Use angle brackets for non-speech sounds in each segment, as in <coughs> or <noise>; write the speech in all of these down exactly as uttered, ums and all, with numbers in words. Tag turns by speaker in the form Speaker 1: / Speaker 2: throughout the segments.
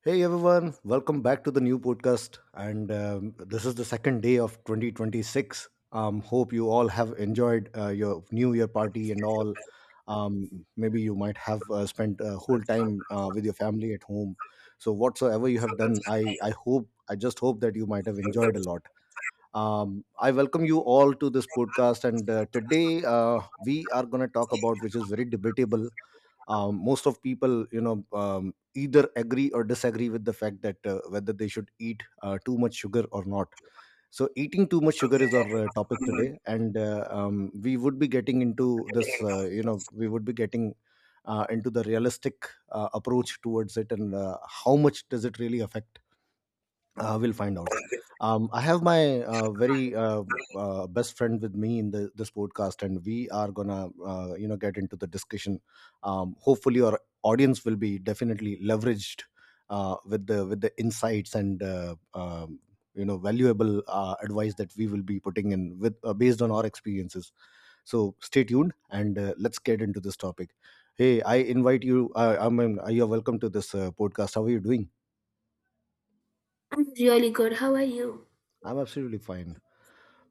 Speaker 1: Hey everyone, welcome back to the new podcast. And um, This is the second day of twenty twenty-six. Um, hope you all have enjoyed uh, your New Year party and all. Um, maybe you might have uh, spent a whole
Speaker 2: I'm
Speaker 1: time uh, with your family at home. So whatsoever you have done, I I hope I just hope that you might have enjoyed a lot. Um, I welcome you all to this podcast. And uh, today uh, we are going to talk about which is very debatable. Um, most of people, you know, um, either agree or disagree with the fact that uh, whether they should eat uh, too much sugar or not. So eating too much sugar is our uh, topic today, and uh, um, we would be getting into this. Uh, you know we would be getting uh, into the realistic uh, approach towards it and uh, how much does it really affect, uh, we'll find out. Um, I have my uh, very uh, uh, best friend with me in the, this podcast, and we are gonna, uh, you know, get into the discussion. Um, hopefully, our audience will be definitely leveraged uh, with the with the insights and uh, um, you know valuable uh, advice that we will be putting in with, uh, based on our experiences. So stay tuned, and uh, let's get into this topic. Hey, I invite you. Uh, I mean, uh, you're welcome to this uh, podcast. How are you doing?
Speaker 2: really good. How are you?
Speaker 1: I'm absolutely fine.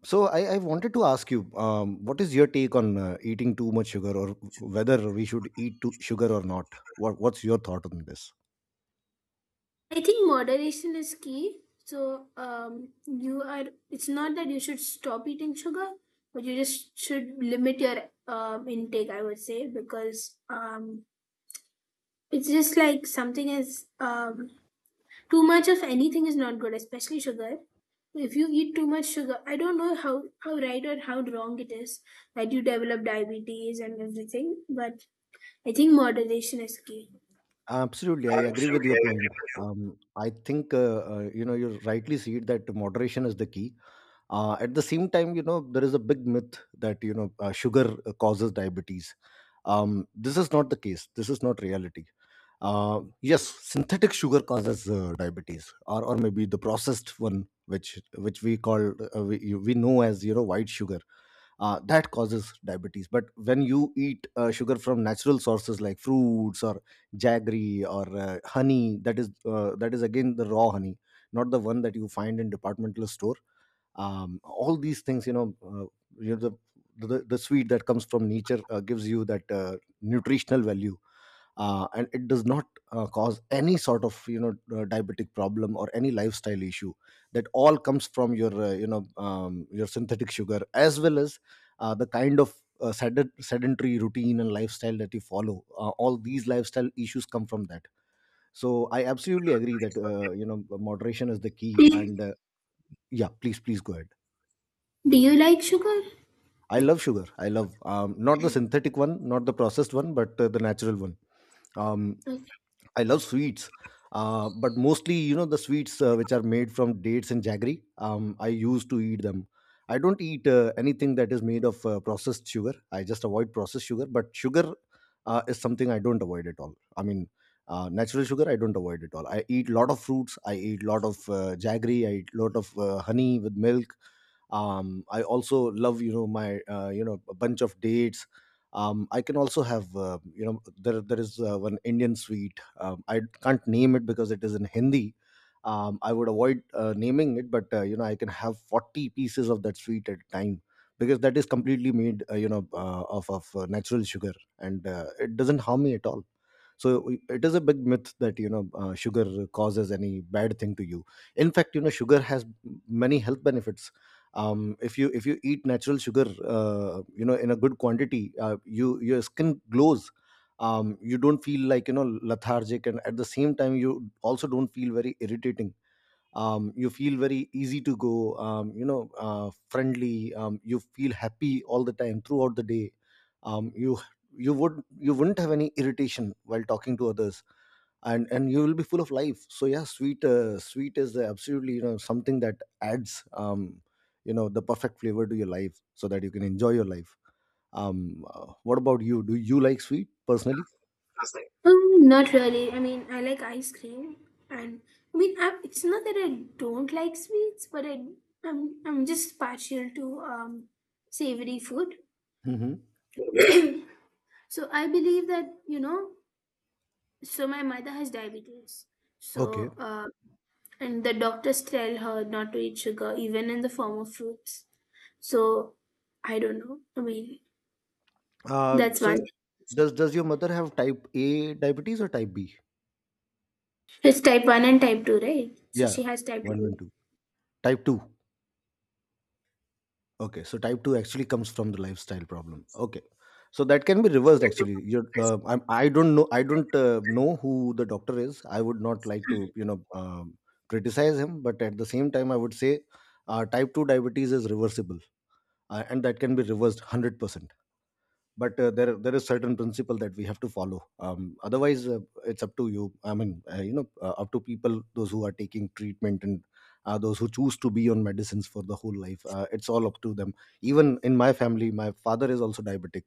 Speaker 1: So I, I wanted to ask you, um, what is your take on uh, eating too much sugar, or whether we should eat too, sugar or not? What What's your thought on this?
Speaker 2: I think moderation is key. So, um, you are, it's not that you should stop eating sugar, but you just should limit your um, intake, I would say, because um, it's just like something is, um, too much of anything is not good, especially sugar. If you eat too much sugar, I don't know how, how right or how wrong it is that you develop diabetes and everything, but I think moderation is key.
Speaker 1: Absolutely, I agree with your
Speaker 2: Absolutely, I agree
Speaker 1: point.
Speaker 2: with.
Speaker 1: Um, I think uh, uh, you know you rightly see it that moderation is the key. Uh, at the same time, you know, there is a big myth that, you know, uh, sugar uh, causes diabetes. Um, this is not the case, this is not reality. Uh, yes, synthetic sugar causes uh, diabetes, or, or maybe the processed one, which which we call, uh, we, you- we know as, you know, white sugar, uh, that causes diabetes. But when you eat uh, sugar from natural sources like fruits or jaggery or uh, honey, that is uh, that is again the raw honey, not the one that you find in departmental store. Um, all these things, you know, uh, you know the, the the sweet that comes from nature uh, gives you that uh, nutritional value, uh, and it does not uh, cause any sort of, you know, uh, diabetic problem or any lifestyle issue. That all comes from your uh, you know um, your synthetic sugar, as well as uh, the kind of uh, sed- sedentary routine and lifestyle that you follow. Uh, all these lifestyle issues come from that. So I absolutely agree that, uh, you know moderation is the
Speaker 2: Do
Speaker 1: key,
Speaker 2: you,
Speaker 1: and uh, yeah, please please go ahead.
Speaker 2: do you like sugar?
Speaker 1: I love sugar. I love, um, not the synthetic one, not the processed one, but uh, the natural one. Um,
Speaker 2: Okay.
Speaker 1: I love sweets, uh, but mostly, you know, the sweets uh, which are made from dates and jaggery. Um, I used to eat them. I don't eat uh, anything that is made of uh, processed sugar. I just avoid processed sugar, but sugar uh, is something I don't avoid at all. I mean, uh, natural sugar I don't avoid at all. I eat lot of fruits. I eat lot of uh, jaggery. I eat lot of uh, honey with milk. um, I also love, you know, my, uh, you know a bunch of dates. um, I can also have, uh, you know there there is uh, one Indian sweet. um, I can't name it because it is in Hindi. um, I would avoid uh, naming it, but, uh, you know, I can have forty pieces of that sweet at a time, because that is completely made uh, you know uh, of, of uh, natural sugar, and uh, it doesn't harm me at all. So it is a big myth that, you know, uh, sugar causes any bad thing to you. In fact, you know, sugar has many health benefits. Um, if you, if you eat natural sugar, uh, you know in a good quantity, uh, you, your skin glows. Um, you don't feel like, you know, lethargic, and at the same time you also don't feel very irritating. Um, you feel very easy to go, um, you know uh, friendly, um, you feel happy all the time throughout the day. Um, you you would you wouldn't have any irritation while talking to others, and and you will be full of life. So yeah, sweet, uh, sweet is absolutely, you know, something that adds, um, you know the perfect flavor to your life so that you can enjoy your life. Um, uh, what about you, do you like sweet personally?
Speaker 2: That's right. Um, not really. I mean, I like ice cream, and I mean, I, it's not that I don't like sweets, but I I'm I'm just partial to um savory food.
Speaker 1: Hmm.
Speaker 2: <coughs> <clears throat> So I believe that, you know. So my mother has diabetes.
Speaker 1: Okay.
Speaker 2: So uh, And the doctors tell her not to eat sugar, even in the form of fruits. So I don't know. I mean,
Speaker 1: uh,
Speaker 2: that's one.
Speaker 1: so does does your mother have type A diabetes or type B?
Speaker 2: It's type one and type two, right? So
Speaker 1: Yeah,
Speaker 2: she has type
Speaker 1: one and
Speaker 2: two.
Speaker 1: two. Type two. Okay, so type two actually comes from the lifestyle problem. Okay, so that can be reversed actually. You're, uh, I'm, I don't know. I don't uh, know who the doctor is. I would not like to, you know, um, criticize him, but at the same time, I would say uh, type two diabetes is reversible, uh, and that can be reversed hundred percent. But uh, there there is certain principle that we have to follow. Um, otherwise, uh, it's up to you. I mean, uh, you know uh, up to people, those who are taking treatment, and uh, those who choose to be on medicines for the whole life, uh, it's all up to them. Even in my family, my father is also diabetic.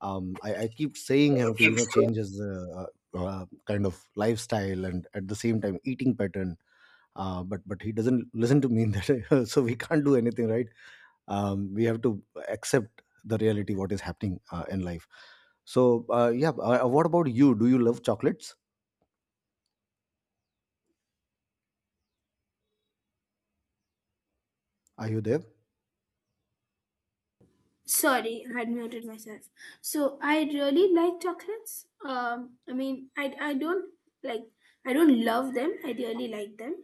Speaker 1: um, I, I keep saying him to, you know, change his uh, uh, uh, kind of lifestyle, and at the same time eating pattern, uh, but but he doesn't listen to me in that <laughs> so we can't do anything, right? Um, we have to accept the reality, what is happening uh, in life. So uh, yeah, uh, what about you, do you love chocolates? Are you there?
Speaker 2: Sorry, I had muted myself. So I really like chocolates. Um, I mean, I, I don't like, I don't love them. I really like them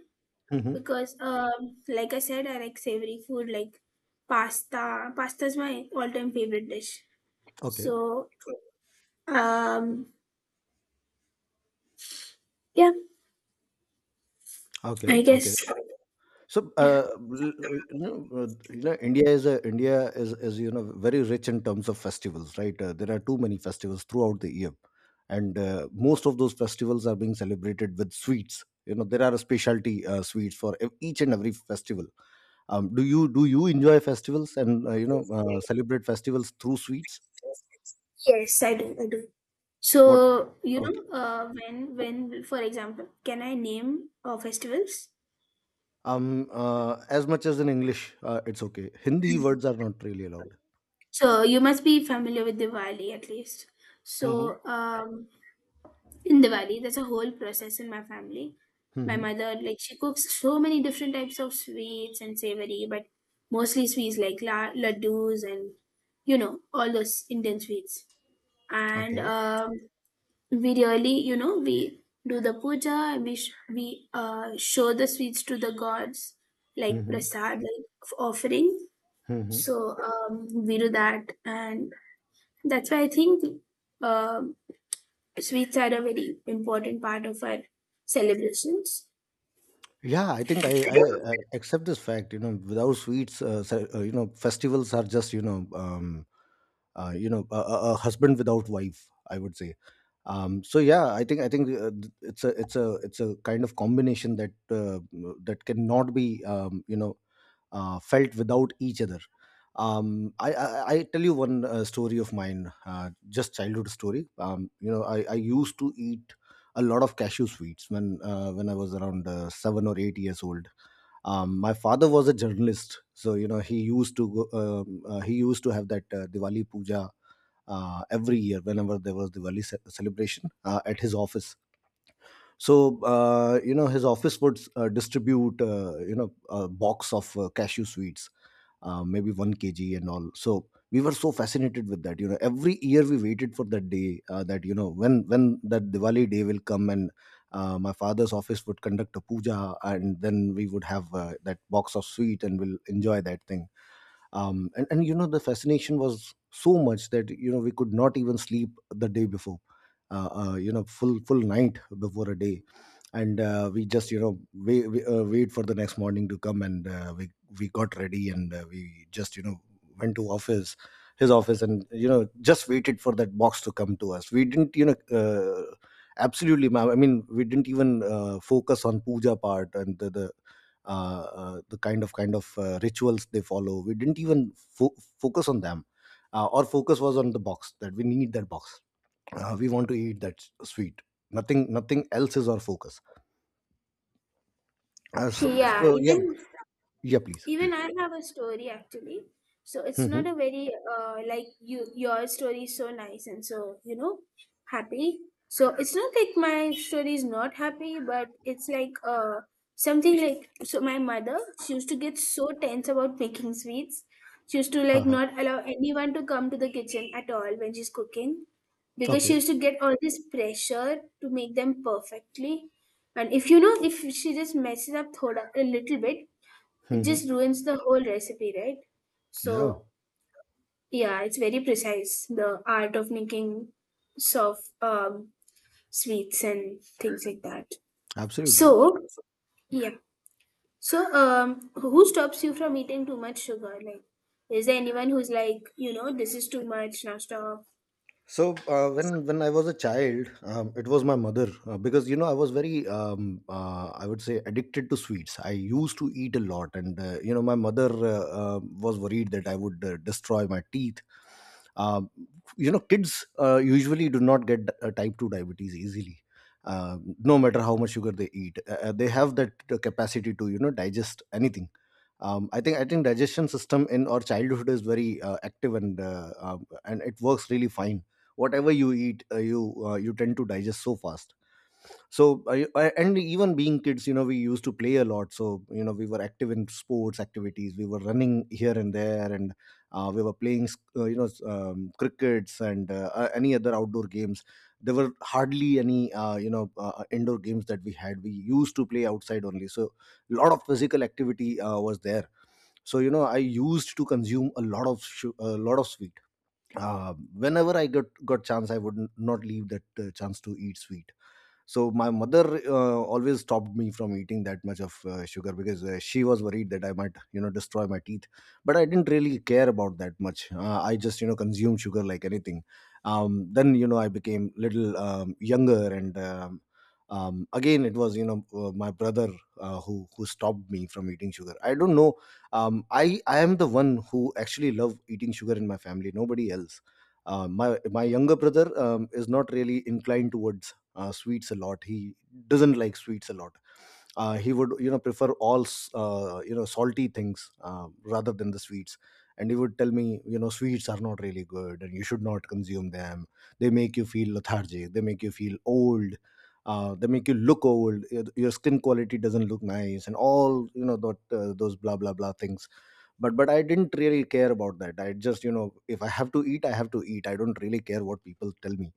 Speaker 1: Hmm.
Speaker 2: because, um, like I said, I like savory food like pasta. Pasta is my all-time favorite dish.
Speaker 1: Okay.
Speaker 2: So Um, yeah, I
Speaker 1: Okay. Okay.
Speaker 2: guess.
Speaker 1: So,
Speaker 2: Yeah.
Speaker 1: uh, l- you know, uh, you know, India is a, India is, is, you know, very rich in terms of festivals, right? Uh, there are too many festivals throughout the year, and uh, most of those festivals are being celebrated with sweets. You know, there are specialty uh, sweets for ev- each and every festival. Um, do you, do you enjoy festivals and, uh, you know uh, celebrate festivals through sweets?
Speaker 2: Yes, I do. I do.
Speaker 1: What?
Speaker 2: So you
Speaker 1: Okay.
Speaker 2: know, uh, when when for example, can I name uh, festivals?
Speaker 1: Um, uh, as much as in English, uh, it's okay. Hindi words are not really allowed.
Speaker 2: So you must be familiar with Diwali at least.
Speaker 1: Mm-hmm.
Speaker 2: So um, in Diwali, there's a whole process in my family. My
Speaker 1: Mm-hmm.
Speaker 2: mother, like, she cooks so many different types of sweets and savory, but mostly sweets like la- laddus and you know all those Indian sweets. And
Speaker 1: Okay.
Speaker 2: um, we really, you know, we do the puja and we sh- we uh, show the sweets to the gods, like
Speaker 1: Mm-hmm.
Speaker 2: prasad, like f- offering. So um, we do that, and that's why I think um sweets are a very important part of our celebrations.
Speaker 1: Yeah, I think I, I, I accept this fact. You know, without sweets, uh, se- uh, you know, festivals are just, you know, um, uh, you know a, a a husband without wife, I would say. Um, so yeah, i think i think uh, th- it's a, it's a it's a kind of combination that uh, that cannot be, um, you know uh, felt without each other. um, I, I I tell you one uh, story of mine, uh, just childhood story. Um, you know, I, I used to eat a lot of cashew sweets when uh, when I was around uh, seven or eight years old. Um, my father was a journalist, so, you know, he used to go, um, uh, he used to have that uh, Diwali puja uh, every year whenever there was Diwali ce- celebration uh, at his office. So uh, you know, his office would uh, distribute, uh, you know a box of uh, cashew sweets, uh, maybe one kg and all. So we were so fascinated with that. You know, every year we waited for that day, uh, that, you know, when when that Diwali day will come, and uh, my father's office would conduct a puja, and then we would have uh, that box of sweet, and we'll enjoy that thing. Um, and, and, you know, the fascination was so much that, you know, we could not even sleep the day before, uh, uh, you know full full night before a day, and uh, we just, you know, wait, uh, wait for the next morning to come, and uh, we we got ready, and uh, we just, you know, went to office, his office, and, you know, just waited for that box to come to us. We didn't, you know uh, absolutely, ma'am, I mean, we didn't even uh, focus on puja part, and the, the uh, uh, the kind of, kind of uh, rituals they follow. We didn't even fo- focus on them. Uh, our focus was on the box, that we need that box. Uh, we want to eat that s- sweet. Nothing, nothing else is our focus. Uh, so,
Speaker 2: yeah
Speaker 1: so yeah,
Speaker 2: even
Speaker 1: yeah, please,
Speaker 2: Even
Speaker 1: please.
Speaker 2: I have a story actually. So it's not
Speaker 1: Hmm.
Speaker 2: a very, uh, like, you your story is so nice and so, you know, happy. So it's not like my story is not happy, but it's like uh something, like, so my mother, she used to get so tense about making sweets. She used to, like,
Speaker 1: <laughs>
Speaker 2: not allow anyone to come to the kitchen at all when she's cooking because she
Speaker 1: Okay.
Speaker 2: used to get all this pressure to make them perfectly. And if, you know, if she just messes up thoda, a little bit, it
Speaker 1: Hmm.
Speaker 2: just ruins the whole recipe, right?
Speaker 1: Yeah,
Speaker 2: So yeah, it's very precise. The art of making soft um, sweets and things like that.
Speaker 1: absolutely.
Speaker 2: So yeah. So um, who stops you from eating too much sugar? Like, is there anyone who's like, you know, this is too much, now stop?
Speaker 1: So uh, when when I was a child, um, it was my mother uh, because you know I was very um, uh, I would say addicted to sweets. I used to eat a lot, and uh, you know my mother uh, uh, was worried that I would uh, destroy my teeth. uh, you know, kids uh, usually do not get uh, type two diabetes easily, uh, no matter how much sugar they eat. Uh, uh, they have that uh, capacity to you know digest anything. um, i think i think digestion system in our childhood is very uh, active, and uh, um, and it works really fine. Whatever you eat, uh, you uh, you tend to digest so fast. So I, I, and even being kids, you know, we used to play a lot, so you know we were active in sports activities, we were running here and there, and uh, we were playing uh, you know um, crickets and uh, uh, any other outdoor games. There were hardly any uh, you know uh, uh, indoor games that we had. We used to play outside only. So a lot of physical activity uh, was there. So you know I used to consume a lot of shu- a lot of sweet. Uh, whenever I got got chance I would n- not leave that uh, chance to eat sweet. So my mother uh, always stopped me from eating that much of uh, sugar because uh, she was worried that I might you know destroy my teeth. But I didn't really care about that much. uh, I just you know consumed sugar like anything. um, then you know I became little um, younger, and um, um, again it was you know uh, my brother uh, who who stopped me from eating sugar, I don't know. um, i i am the one who actually love eating sugar in my family, nobody else. uh, my my younger brother um, is not really inclined towards uh, sweets a lot. He doesn't like sweets a lot. Uh, he would you know prefer all s- uh, you know salty things uh, rather than the sweets. And he would tell me, you know, sweets are not really good and you should not consume them. They make you feel lethargic, they make you feel old, uh, they make you look old, your your skin quality doesn't look nice and all, you know, that, uh, those blah blah blah things. But but I didn't really care about that. I just, you know, if I have to eat I have to eat, I don't really care what people tell me.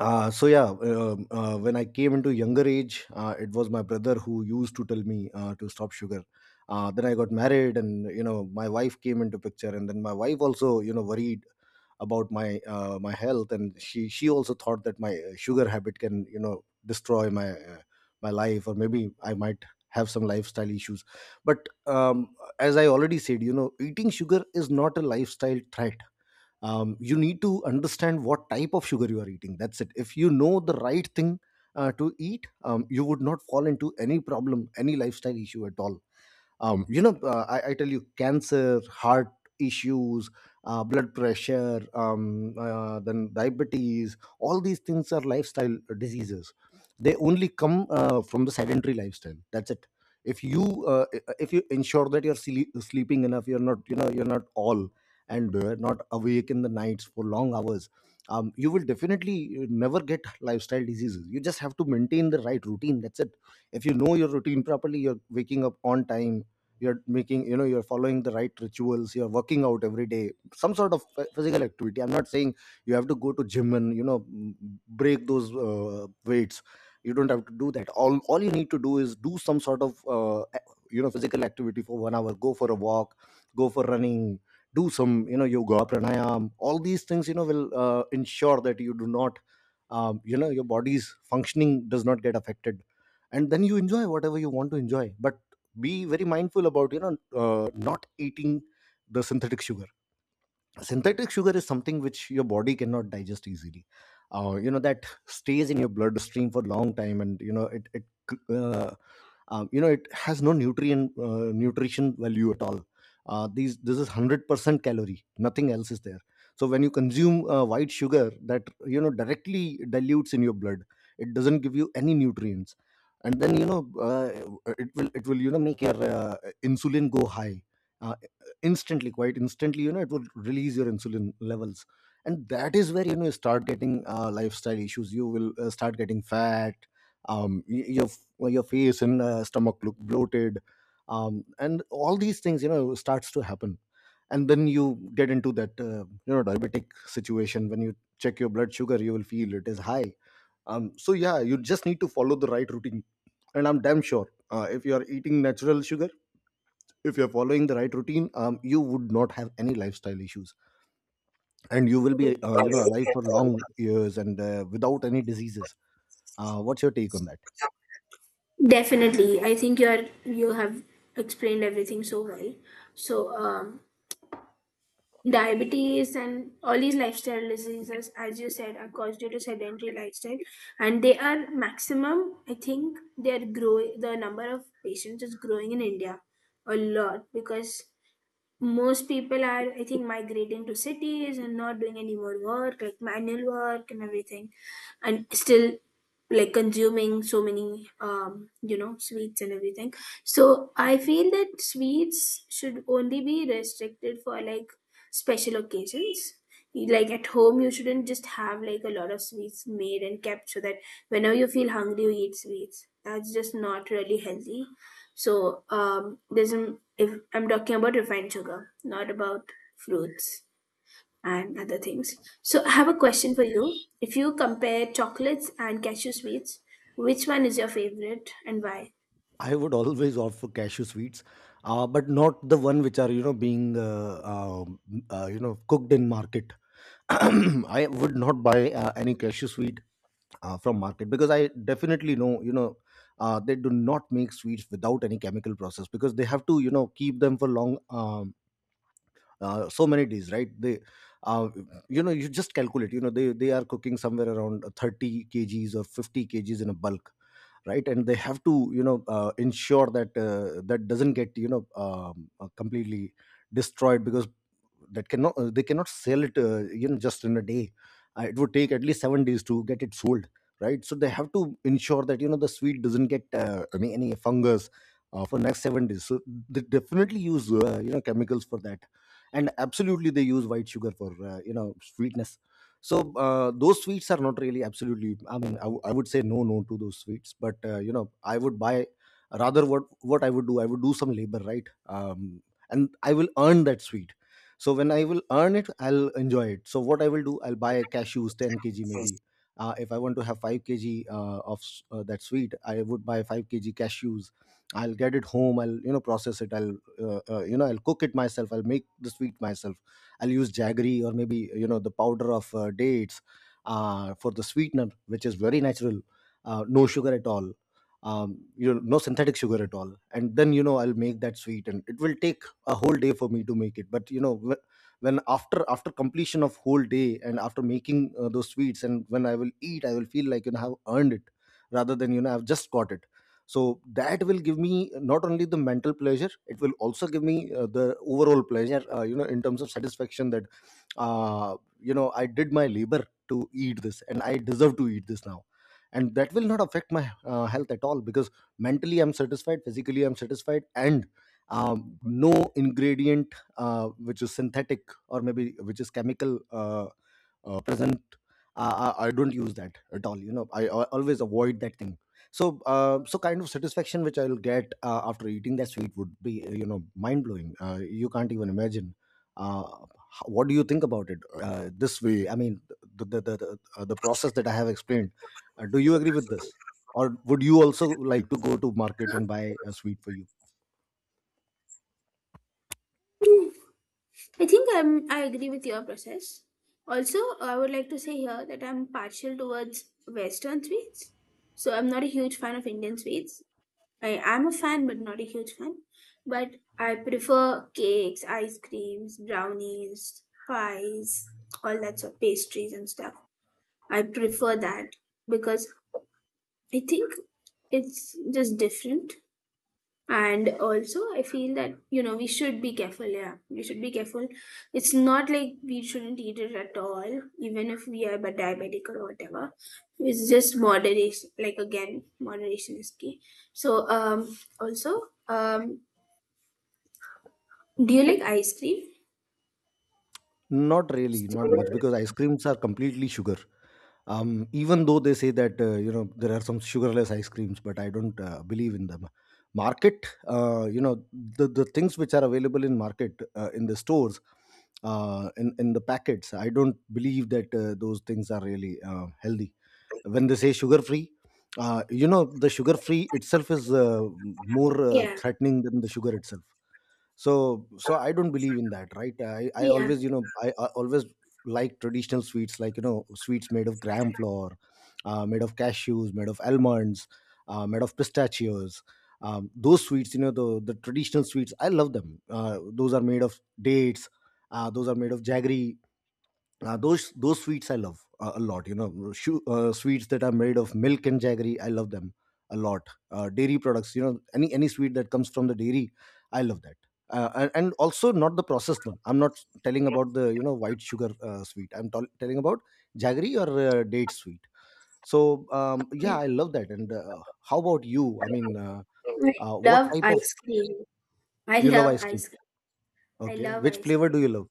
Speaker 1: uh, so yeah um, uh, when I came into younger age, uh, it was my brother who used to tell me uh, to stop sugar. Uh, then I got married, and you know my wife came into picture, and then my wife also you know worried about my uh, my health. And she she also thought that my uh, sugar habit can you know destroy my uh, my life, or maybe I might have some lifestyle issues. But um, as I already said, you know, eating sugar is not a lifestyle threat. um, you need to understand what type of sugar you are eating, that's it. If you know the right thing uh, to eat, um, you would not fall into any problem, any lifestyle issue at all. um, you know uh, I, I tell you, cancer, heart issues, uh, blood pressure, um, uh, then diabetes, all these things are lifestyle diseases. They only come uh, from the sedentary lifestyle, that's it. if you uh, if you ensure that you're sleep, sleeping enough, you're not you know you're not all, and uh, not awake in the nights for long hours, um, you will definitely uh, never get lifestyle diseases. You just have to maintain the right routine, that's it. If you know your routine properly, you're waking up on time, you're making you know you're following the right rituals, you're working out every day, some sort of ph- physical activity. I'm not saying you have to go to gym and you know m- break those uh, weights. You don't have to do that. All all you need to do is do some sort of uh, a- you know physical activity for one hour. Go for a walk, go for running, do some you know yoga pranayam. All these things you know will uh, ensure that you do not, um, you know, your body's functioning does not get affected. And then you enjoy whatever you want to enjoy, but be very mindful about you know uh, not eating the synthetic sugar. Synthetic sugar is something which your body cannot digest easily. Uh, you know, that stays in your bloodstream for a long time, and you know it, it uh, um, you know it has no nutrient uh, nutrition value at all. uh, these This is one hundred percent calorie, nothing else is there. So when you consume uh, white sugar, that you know directly dilutes in your blood, it doesn't give you any nutrients. And then you know uh, it will it will you know make your uh, insulin go high. uh, Instantly, quite instantly, you know, it will release your insulin levels. And that is where you know you start getting uh, lifestyle issues. You will uh, start getting fat. Um, y- your, well, your face and uh, stomach look bloated. Um, and all these things you know starts to happen. And then you get into that uh, you know diabetic situation. When you check your blood sugar you will feel it is high. um, so yeah, you just need to follow the right routine, and I'm damn sure uh, if you are eating natural sugar, if you're following the right routine, um, you would not have any lifestyle issues, and you will be uh, you know alive for long years and uh, without any diseases. Uh, what's your take on that?
Speaker 2: Definitely. I think you're you have explained everything so well. So um, diabetes and all these lifestyle diseases, as you said, are caused due to sedentary lifestyle, and they are maximum. I think they are growing. The number of patients is growing in India a lot because most people are, I think, migrating to cities and not doing any more work like manual work and everything, and still, like, consuming so many um you know sweets and everything. So I feel that sweets should only be restricted for, like, special occasions. Like at home, you shouldn't just have, like, a lot of sweets made and kept so that whenever you feel hungry you eat sweets. That's just not really healthy. So um, there's an, if I'm talking about refined sugar, not about fruits and other things. So I have a question for you. If you compare chocolates and cashew sweets, which one is your favorite and why?
Speaker 1: I would always opt for cashew sweets, uh, but not the one which are you know being uh, um, uh, you know cooked in market. <clears throat> I would not buy uh, any cashew sweet uh, from market, because I definitely know, you know, uh, they do not make sweets without any chemical process, because they have to you know keep them for long, um, uh, so many days, right? they uh, you know, you just calculate, you know, they they are cooking somewhere around thirty kgs or fifty kgs in a bulk, right? And they have to you know uh, ensure that uh, that doesn't get you know um, uh, completely destroyed, because that cannot uh, they cannot sell it uh, you know just in a day. Uh, it would take at least seven days to get it sold, right? So they have to ensure that you know the sweet doesn't get uh, any, any fungus uh, for next seven days. So they definitely use uh, you know chemicals for that, and absolutely they use white sugar for uh, you know sweetness. So uh, those sweets are not really absolutely, I mean, I w- I would say no no to those sweets. But uh, you know I would buy, rather, what what I would do, I would do some labor, right? um, and I will earn that sweet. So when I will earn it I'll enjoy it. So what I will do, I'll buy cashews ten kilograms maybe. Uh, if I want to have five kilograms uh, of s- uh, that sweet, I would buy five kilograms cashews. I'll get it home, I'll you know process it, I'll uh, uh, you know I'll cook it myself, I'll make the sweet myself. I'll use jaggery, or maybe you know the powder of uh, dates, uh, for the sweetener, which is very natural. Uh, no sugar at all, um, you know, no synthetic sugar at all. And then you know I'll make that sweet, and it will take a whole day for me to make it. But you know, wh- when after after completion of whole day and after making uh, those sweets, and when I will eat, I will feel like you know I've earned it, rather than you know I've just got it. So that will give me not only the mental pleasure, it will also give me uh, the overall pleasure, uh, you know, in terms of satisfaction, that uh, you know I did my labor to eat this and I deserve to eat this now. And that will not affect my uh, health at all, because mentally I'm satisfied, physically I'm satisfied, and um, no ingredient uh, which is synthetic or maybe which is chemical uh, uh, present, uh, I, I don't use that at all. You know, i, al- always avoid that thing. So uh, so kind of satisfaction which I'll get uh, after eating that sweet would be uh, you know mind blowing, uh, you can't even imagine. Uh, h- what do you think about it, uh, this way, I mean? The the, the, the, uh, the process that I have explained. Uh, do you agree with this, or would you also like to go to market and buy a sweet for you?
Speaker 2: Hmm, I think I'm, I agree with your process. Also, I would like to say here that I'm partial towards Western sweets. So I'm not a huge fan of Indian sweets. I am a fan, but not a huge fan. But I prefer cakes, ice creams, brownies, pies, all that sort, pastries and stuff. I prefer that because I think it's just different. And also I feel that, you know, we should be careful. Yeah, we should be careful. It's not like we shouldn't eat it at all, even if we are but diabetic or whatever. It's just moderation. Like, again, moderation is key. So um also, um do you like ice cream?
Speaker 1: Not really,
Speaker 2: So,
Speaker 1: not much, because ice creams are completely sugar. Um, even though they say that, uh, you know, there are some sugarless ice creams, but I don't uh, believe in them. Market, uh, you know, the the things which are available in market, uh, in the stores, uh, in in the packets, I don't believe that uh, those things are really uh, healthy. When they say sugar free, uh, you know, the sugar free itself is uh, more uh,
Speaker 2: yeah,
Speaker 1: threatening than the sugar itself. So so I don't believe in that, right? I i
Speaker 2: yeah,
Speaker 1: always, you know, i, I always like traditional sweets, like, you know, sweets made of gram flour, uh, made of cashews, made of almonds, uh, made of pistachios. Um, those sweets, you know, the the traditional sweets, I love them. Uh, those are made of dates, uh, those are made of jaggery. Uh, those those sweets I love uh, a lot. You know, shu- uh, sweets that are made of milk and jaggery, I love them a lot. Uh, dairy products, you know, any any sweet that comes from the dairy, I love that. Uh, and, and also not the processed one. I'm not telling about the, you know, white sugar uh, sweet. I'm tol- telling about jaggery or uh, date sweet. So um, yeah, I love that. And uh, how about you? I mean, uh,
Speaker 2: I
Speaker 1: uh, what
Speaker 2: love
Speaker 1: type of—
Speaker 2: ice cream. i
Speaker 1: you love
Speaker 2: love
Speaker 1: ice cream?
Speaker 2: ice cream i
Speaker 1: Okay,
Speaker 2: love
Speaker 1: which
Speaker 2: ice
Speaker 1: flavor do
Speaker 2: cream
Speaker 1: you love?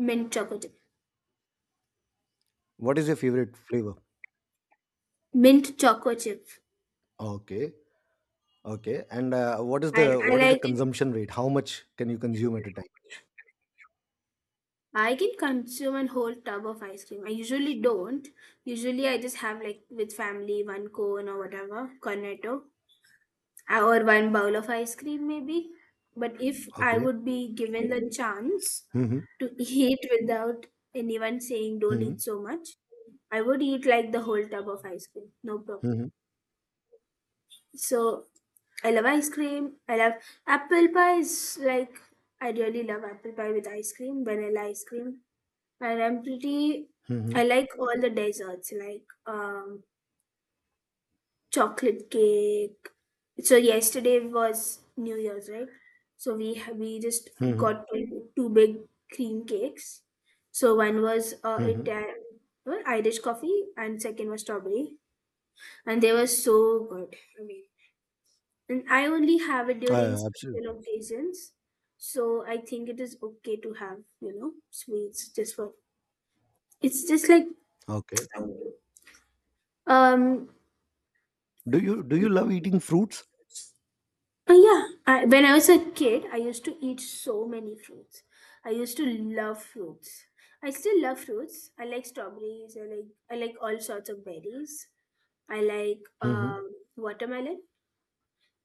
Speaker 2: Mint chocolate chip.
Speaker 1: What is your favorite flavor?
Speaker 2: Mint chocolate chip.
Speaker 1: Okay. Okay. And uh, what is
Speaker 2: And
Speaker 1: the
Speaker 2: I
Speaker 1: what is the
Speaker 2: like
Speaker 1: consumption rate? How much can you consume at a time?
Speaker 2: it. I can consume a whole tub of ice cream. I usually don't. Usually, I just have, like, with family, one cone or whatever, cornetto, uh, or one bowl of ice cream maybe. But if I
Speaker 1: Okay.
Speaker 2: would be given the chance
Speaker 1: Mm-hmm.
Speaker 2: to eat without anyone saying don't
Speaker 1: Mm-hmm.
Speaker 2: eat so much, I would eat like the whole tub of ice cream, no problem.
Speaker 1: Mm-hmm.
Speaker 2: So I love ice cream. I love apple pie. Is like, I really love apple pie with ice cream, vanilla ice cream. And I'm pretty,
Speaker 1: Mm-hmm.
Speaker 2: I like all the desserts, like um, chocolate cake. So yesterday was New Year's, right? So we ha- we just
Speaker 1: Mm-hmm.
Speaker 2: got two two big cream cakes. So one was uh,
Speaker 1: Mm-hmm.
Speaker 2: Italian Irish coffee, and second was strawberry, and they were so good. I mean, and I only have it during
Speaker 1: Uh, absolutely.
Speaker 2: special occasions, so I think it is okay to have, you know, sweets just for. It's just like
Speaker 1: Okay.
Speaker 2: um
Speaker 1: Do you do
Speaker 2: Uh,
Speaker 1: you love eating fruits?
Speaker 2: Yeah, I, when I was a kid, I used to eat so many fruits. I used to love fruits. I still love fruits. I like strawberries. I like I like all sorts of berries. I like
Speaker 1: Mm-hmm.
Speaker 2: um, watermelon,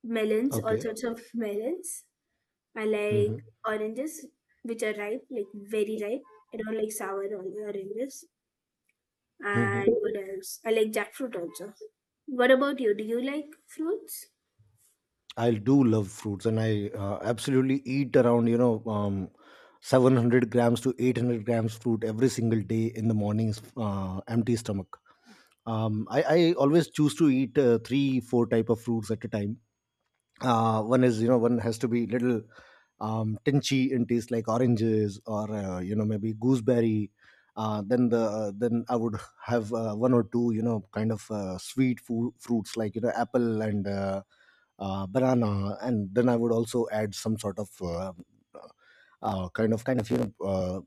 Speaker 2: melons, all
Speaker 1: Okay.
Speaker 2: sorts of melons. I like
Speaker 1: Mm-hmm.
Speaker 2: oranges, which are ripe, like very ripe. I don't like sour or- oranges.
Speaker 1: Mm-hmm.
Speaker 2: And what else? I like jackfruit also. What about you? Do you like fruits?
Speaker 1: I do love fruits, and I uh, absolutely eat around, you know, um, seven hundred grams to eight hundred grams fruit every single day in the mornings, uh, empty stomach. Um, I, I always choose to eat uh, three four type of fruits at a time. Uh, one is, you know, one has to be little um, tinchy in taste, like oranges or uh, you know, maybe gooseberry. Uh, then the then I would have uh, one or two, you know, kind of uh, sweet fu- fruits, like, you know, apple and uh, uh, banana. And then I would also add some sort of uh, uh, kind of kind of, you know, uh,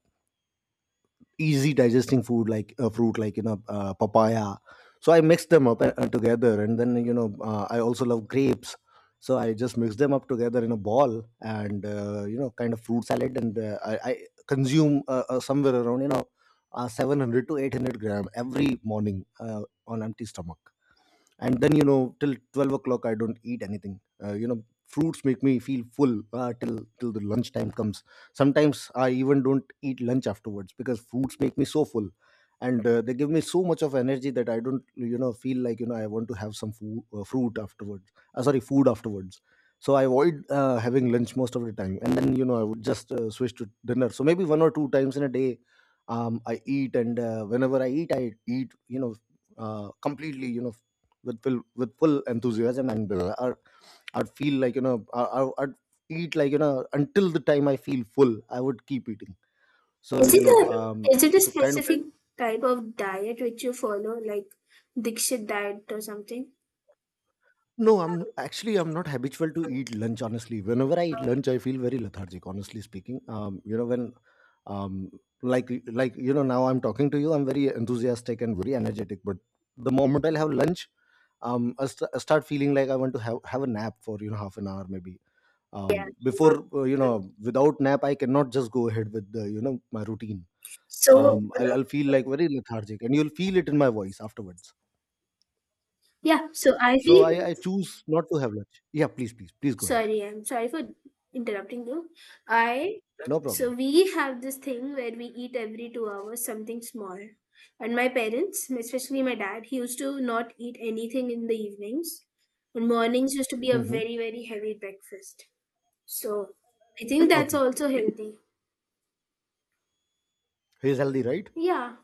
Speaker 1: easy digesting food, like a fruit, like, you know, uh, papaya. So I mix them up uh, uh, together, and then, you know, uh, I also love grapes. So I just mix them up together in a ball, and uh, you know, kind of fruit salad. And uh, I, I consume uh, uh, somewhere around, you know, uh, seven hundred to eight hundred gram every morning uh, on empty stomach. And then, you know, till twelve o'clock I don't eat anything. Uh, you know, fruits make me feel full uh, till till the lunch time comes. Sometimes I even don't eat lunch afterwards because fruits make me so full. And uh, they give me so much of energy that I don't, you know, feel like, you know, I want to have some food, uh, fruit afterwards. Uh, sorry, food afterwards. So I avoid uh, having lunch most of the time, and then, you know, I would just uh, switch to dinner. So maybe one or two times in a day um, I eat. And uh, whenever I eat, I eat, you know, uh, completely, you know, with full, with full enthusiasm. And uh, I- I'd feel like, you know, I, I- I'd eat, like, you know, until the time I feel full. I would keep eating. So,
Speaker 2: Is
Speaker 1: you
Speaker 2: it
Speaker 1: know,
Speaker 2: a
Speaker 1: um,
Speaker 2: is it a
Speaker 1: so kind of...
Speaker 2: specific type of diet which you follow, like Dikshit diet or something?
Speaker 1: No, I'm actually I'm not habitual to eat lunch. Honestly, whenever I eat lunch, I feel very lethargic. Honestly speaking, um, you know, when um like like, you know, now I'm talking to you, I'm very enthusiastic and very energetic. But the moment I'll have lunch, um, I, st- I start feeling like I want to have have a nap for, you know, half an hour maybe.
Speaker 2: Yeah.
Speaker 1: Um, before, uh, you know, without nap I cannot just go ahead with the, you know, my routine.
Speaker 2: So
Speaker 1: Um, I'll, I'll feel like very lethargic, and you'll feel it in my voice afterwards.
Speaker 2: yeah, so I
Speaker 1: So
Speaker 2: feel,
Speaker 1: i, I choose not to have lunch. Yeah, please please please go ahead.
Speaker 2: sorry, I'm sorry for interrupting you. I,
Speaker 1: No
Speaker 2: so
Speaker 1: problem.
Speaker 2: we have this thing where we eat every two hours something small. And my parents, especially my dad, he used to not eat anything in the evenings. And mornings used to be a
Speaker 1: Hmm.
Speaker 2: very, very heavy breakfast. So I think that's
Speaker 1: Okay.
Speaker 2: also healthy.
Speaker 1: He's healthy, right?
Speaker 2: Yeah,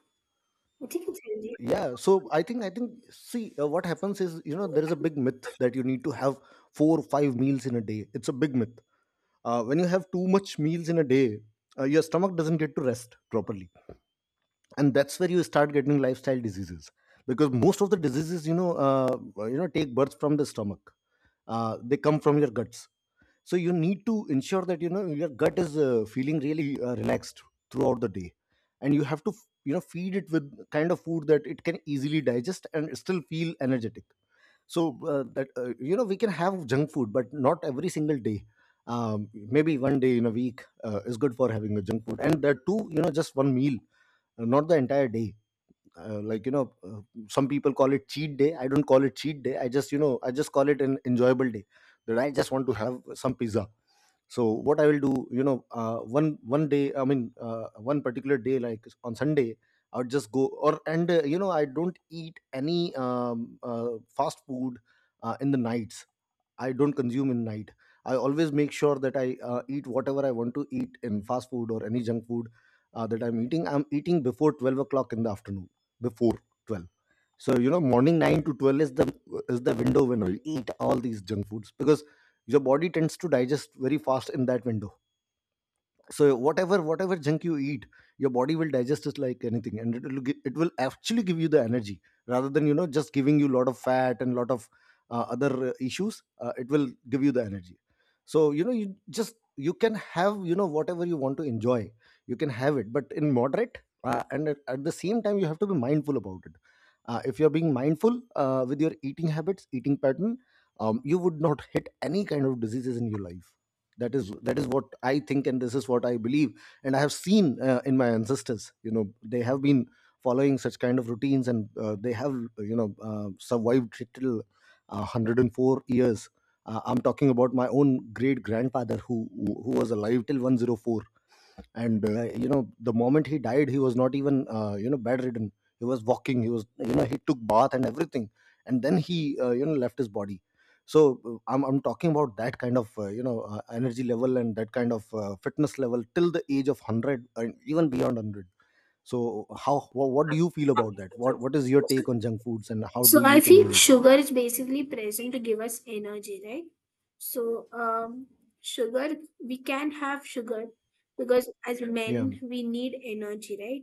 Speaker 2: I think it's healthy.
Speaker 1: Yeah, so i think I think, see, uh, what happens is, you know, there is a big myth that you need to have four or five meals in a day. It's a big myth. Uh, when you have too much meals in a day, uh, your stomach doesn't get to rest properly, and that's where you start getting lifestyle diseases, because most of the diseases, you know, uh, you know, take birth from the stomach. Uh, they come from your guts. So you need to ensure that, you know, your gut is uh, feeling really uh, relaxed throughout the day. And you have to, you know, feed it with kind of food that it can easily digest and still feel energetic. So uh, that, uh, you know, we can have junk food, but not every single day. Um, maybe one day in a week uh, is good for having a junk food, and that too, you know, just one meal, uh, not the entire day. Uh, like, you know, uh, some people call it cheat day. I don't call it cheat day. i just you know I just call it an enjoyable day, that I just want to have some pizza. So what I will do, you know, uh, one one day i mean uh, one particular day, like on Sunday, I would just go or— and uh, you know, I don't eat any um, uh, fast food uh, in the nights. I don't consume in night. I always make sure that I uh, eat whatever I want to eat in fast food or any junk food uh, that I'm eating. I'm eating before twelve o'clock in the afternoon, before twelve. So, you know, morning nine to twelve is the is the window when I eat all these junk foods, because your body tends to digest very fast in that window. So whatever whatever junk you eat, your body will digest it like anything, and it will gi- it will actually give you the energy, rather than, you know, just giving you a lot of fat and lot of uh, other uh, issues. Uh, it will give you the energy. So, you know, you just you can have, you know, whatever you want to enjoy. You can have it, but in moderate, uh, and at, at the same time you have to be mindful about it. Uh, if you're being mindful uh, with your eating habits, eating pattern, um, you would not hit any kind of diseases in your life. That is that is what I think, and this is what I believe. And I have seen uh, in my ancestors, you know, they have been following such kind of routines, and uh, they have, you know, uh, survived till uh, one hundred and four years. uh, I'm talking about my own great grandfather who who who was alive till one hundred four. And uh, you know, the moment he died, he was not even, uh, you know, bedridden. He was walking, he was, you know, he took bath and everything, and then he uh, you know, left his body. So uh, i'm, I'm talking about that kind of, uh, you know, uh, energy level, and that kind of uh, fitness level till the age of one hundred, and even beyond one hundred. So how wha- what do you feel about that? What what is your take on junk foods, and how
Speaker 2: So
Speaker 1: do
Speaker 2: I
Speaker 1: you
Speaker 2: think
Speaker 1: consume them?
Speaker 2: sugar is basically present to give us energy, right? So um, sugar, we can have sugar because as
Speaker 1: Yeah,
Speaker 2: men we need energy, right?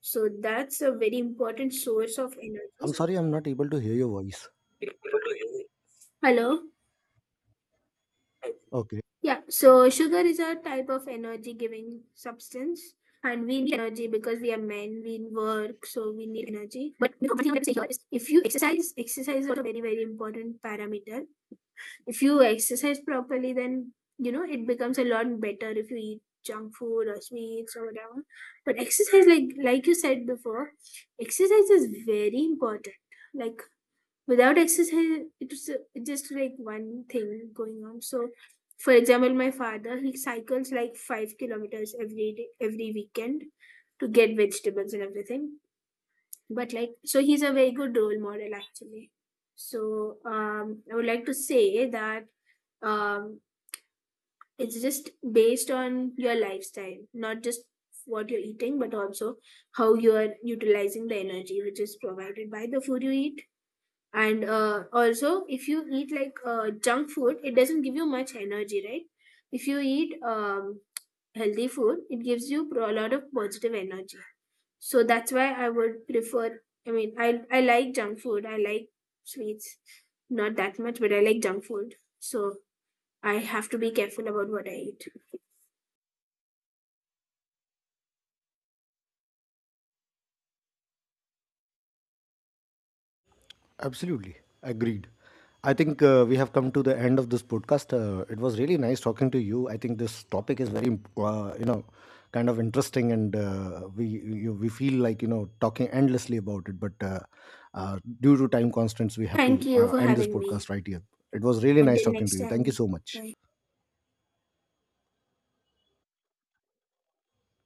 Speaker 2: So that's a very important source of energy.
Speaker 1: I'm sorry, I'm not able to hear your voice.
Speaker 2: Hello.
Speaker 1: Okay.
Speaker 2: Yeah, so sugar is a type of energy giving substance, and we need energy because we are men, we work, so we need energy. But the one thing I would say here is if you exercise, exercise is also a very, very important parameter. If you exercise properly, then you know it becomes a lot better if you eat junk food or sweets or whatever. But exercise, like like you said before, exercise is very important. Like, without exercise it's uh, just like one thing going on. So for example, my father, he cycles like five kilometers every day, every weekend, to get vegetables and everything. But like, so he's a very good role model actually. So um I would like to say that um it's just based on your lifestyle, not just what you're eating but also how you are utilizing the energy which is provided by the food you eat. And uh, also, if you eat like uh, junk food, it doesn't give you much energy, right? If you eat um, healthy food, it gives you pro- a lot of positive energy. So that's why I would prefer, I mean, i i like junk food. I like sweets, not that much, but I like junk food, so I have to be careful about what I eat.
Speaker 1: Absolutely. Agreed. I think uh, we have come to the end of this podcast. Uh, it was really nice talking to you. I think this topic is very imp- uh, you know, kind of interesting, and uh, we you, we feel like, you know, talking endlessly about it. But uh, uh, due to time constraints, we have to
Speaker 2: Thank you
Speaker 1: uh,
Speaker 2: for
Speaker 1: end this
Speaker 2: having
Speaker 1: podcast
Speaker 2: me.
Speaker 1: right here. It was really nice
Speaker 2: Until
Speaker 1: talking to
Speaker 2: next
Speaker 1: you. Thank you
Speaker 2: time.
Speaker 1: so much.
Speaker 2: Bye.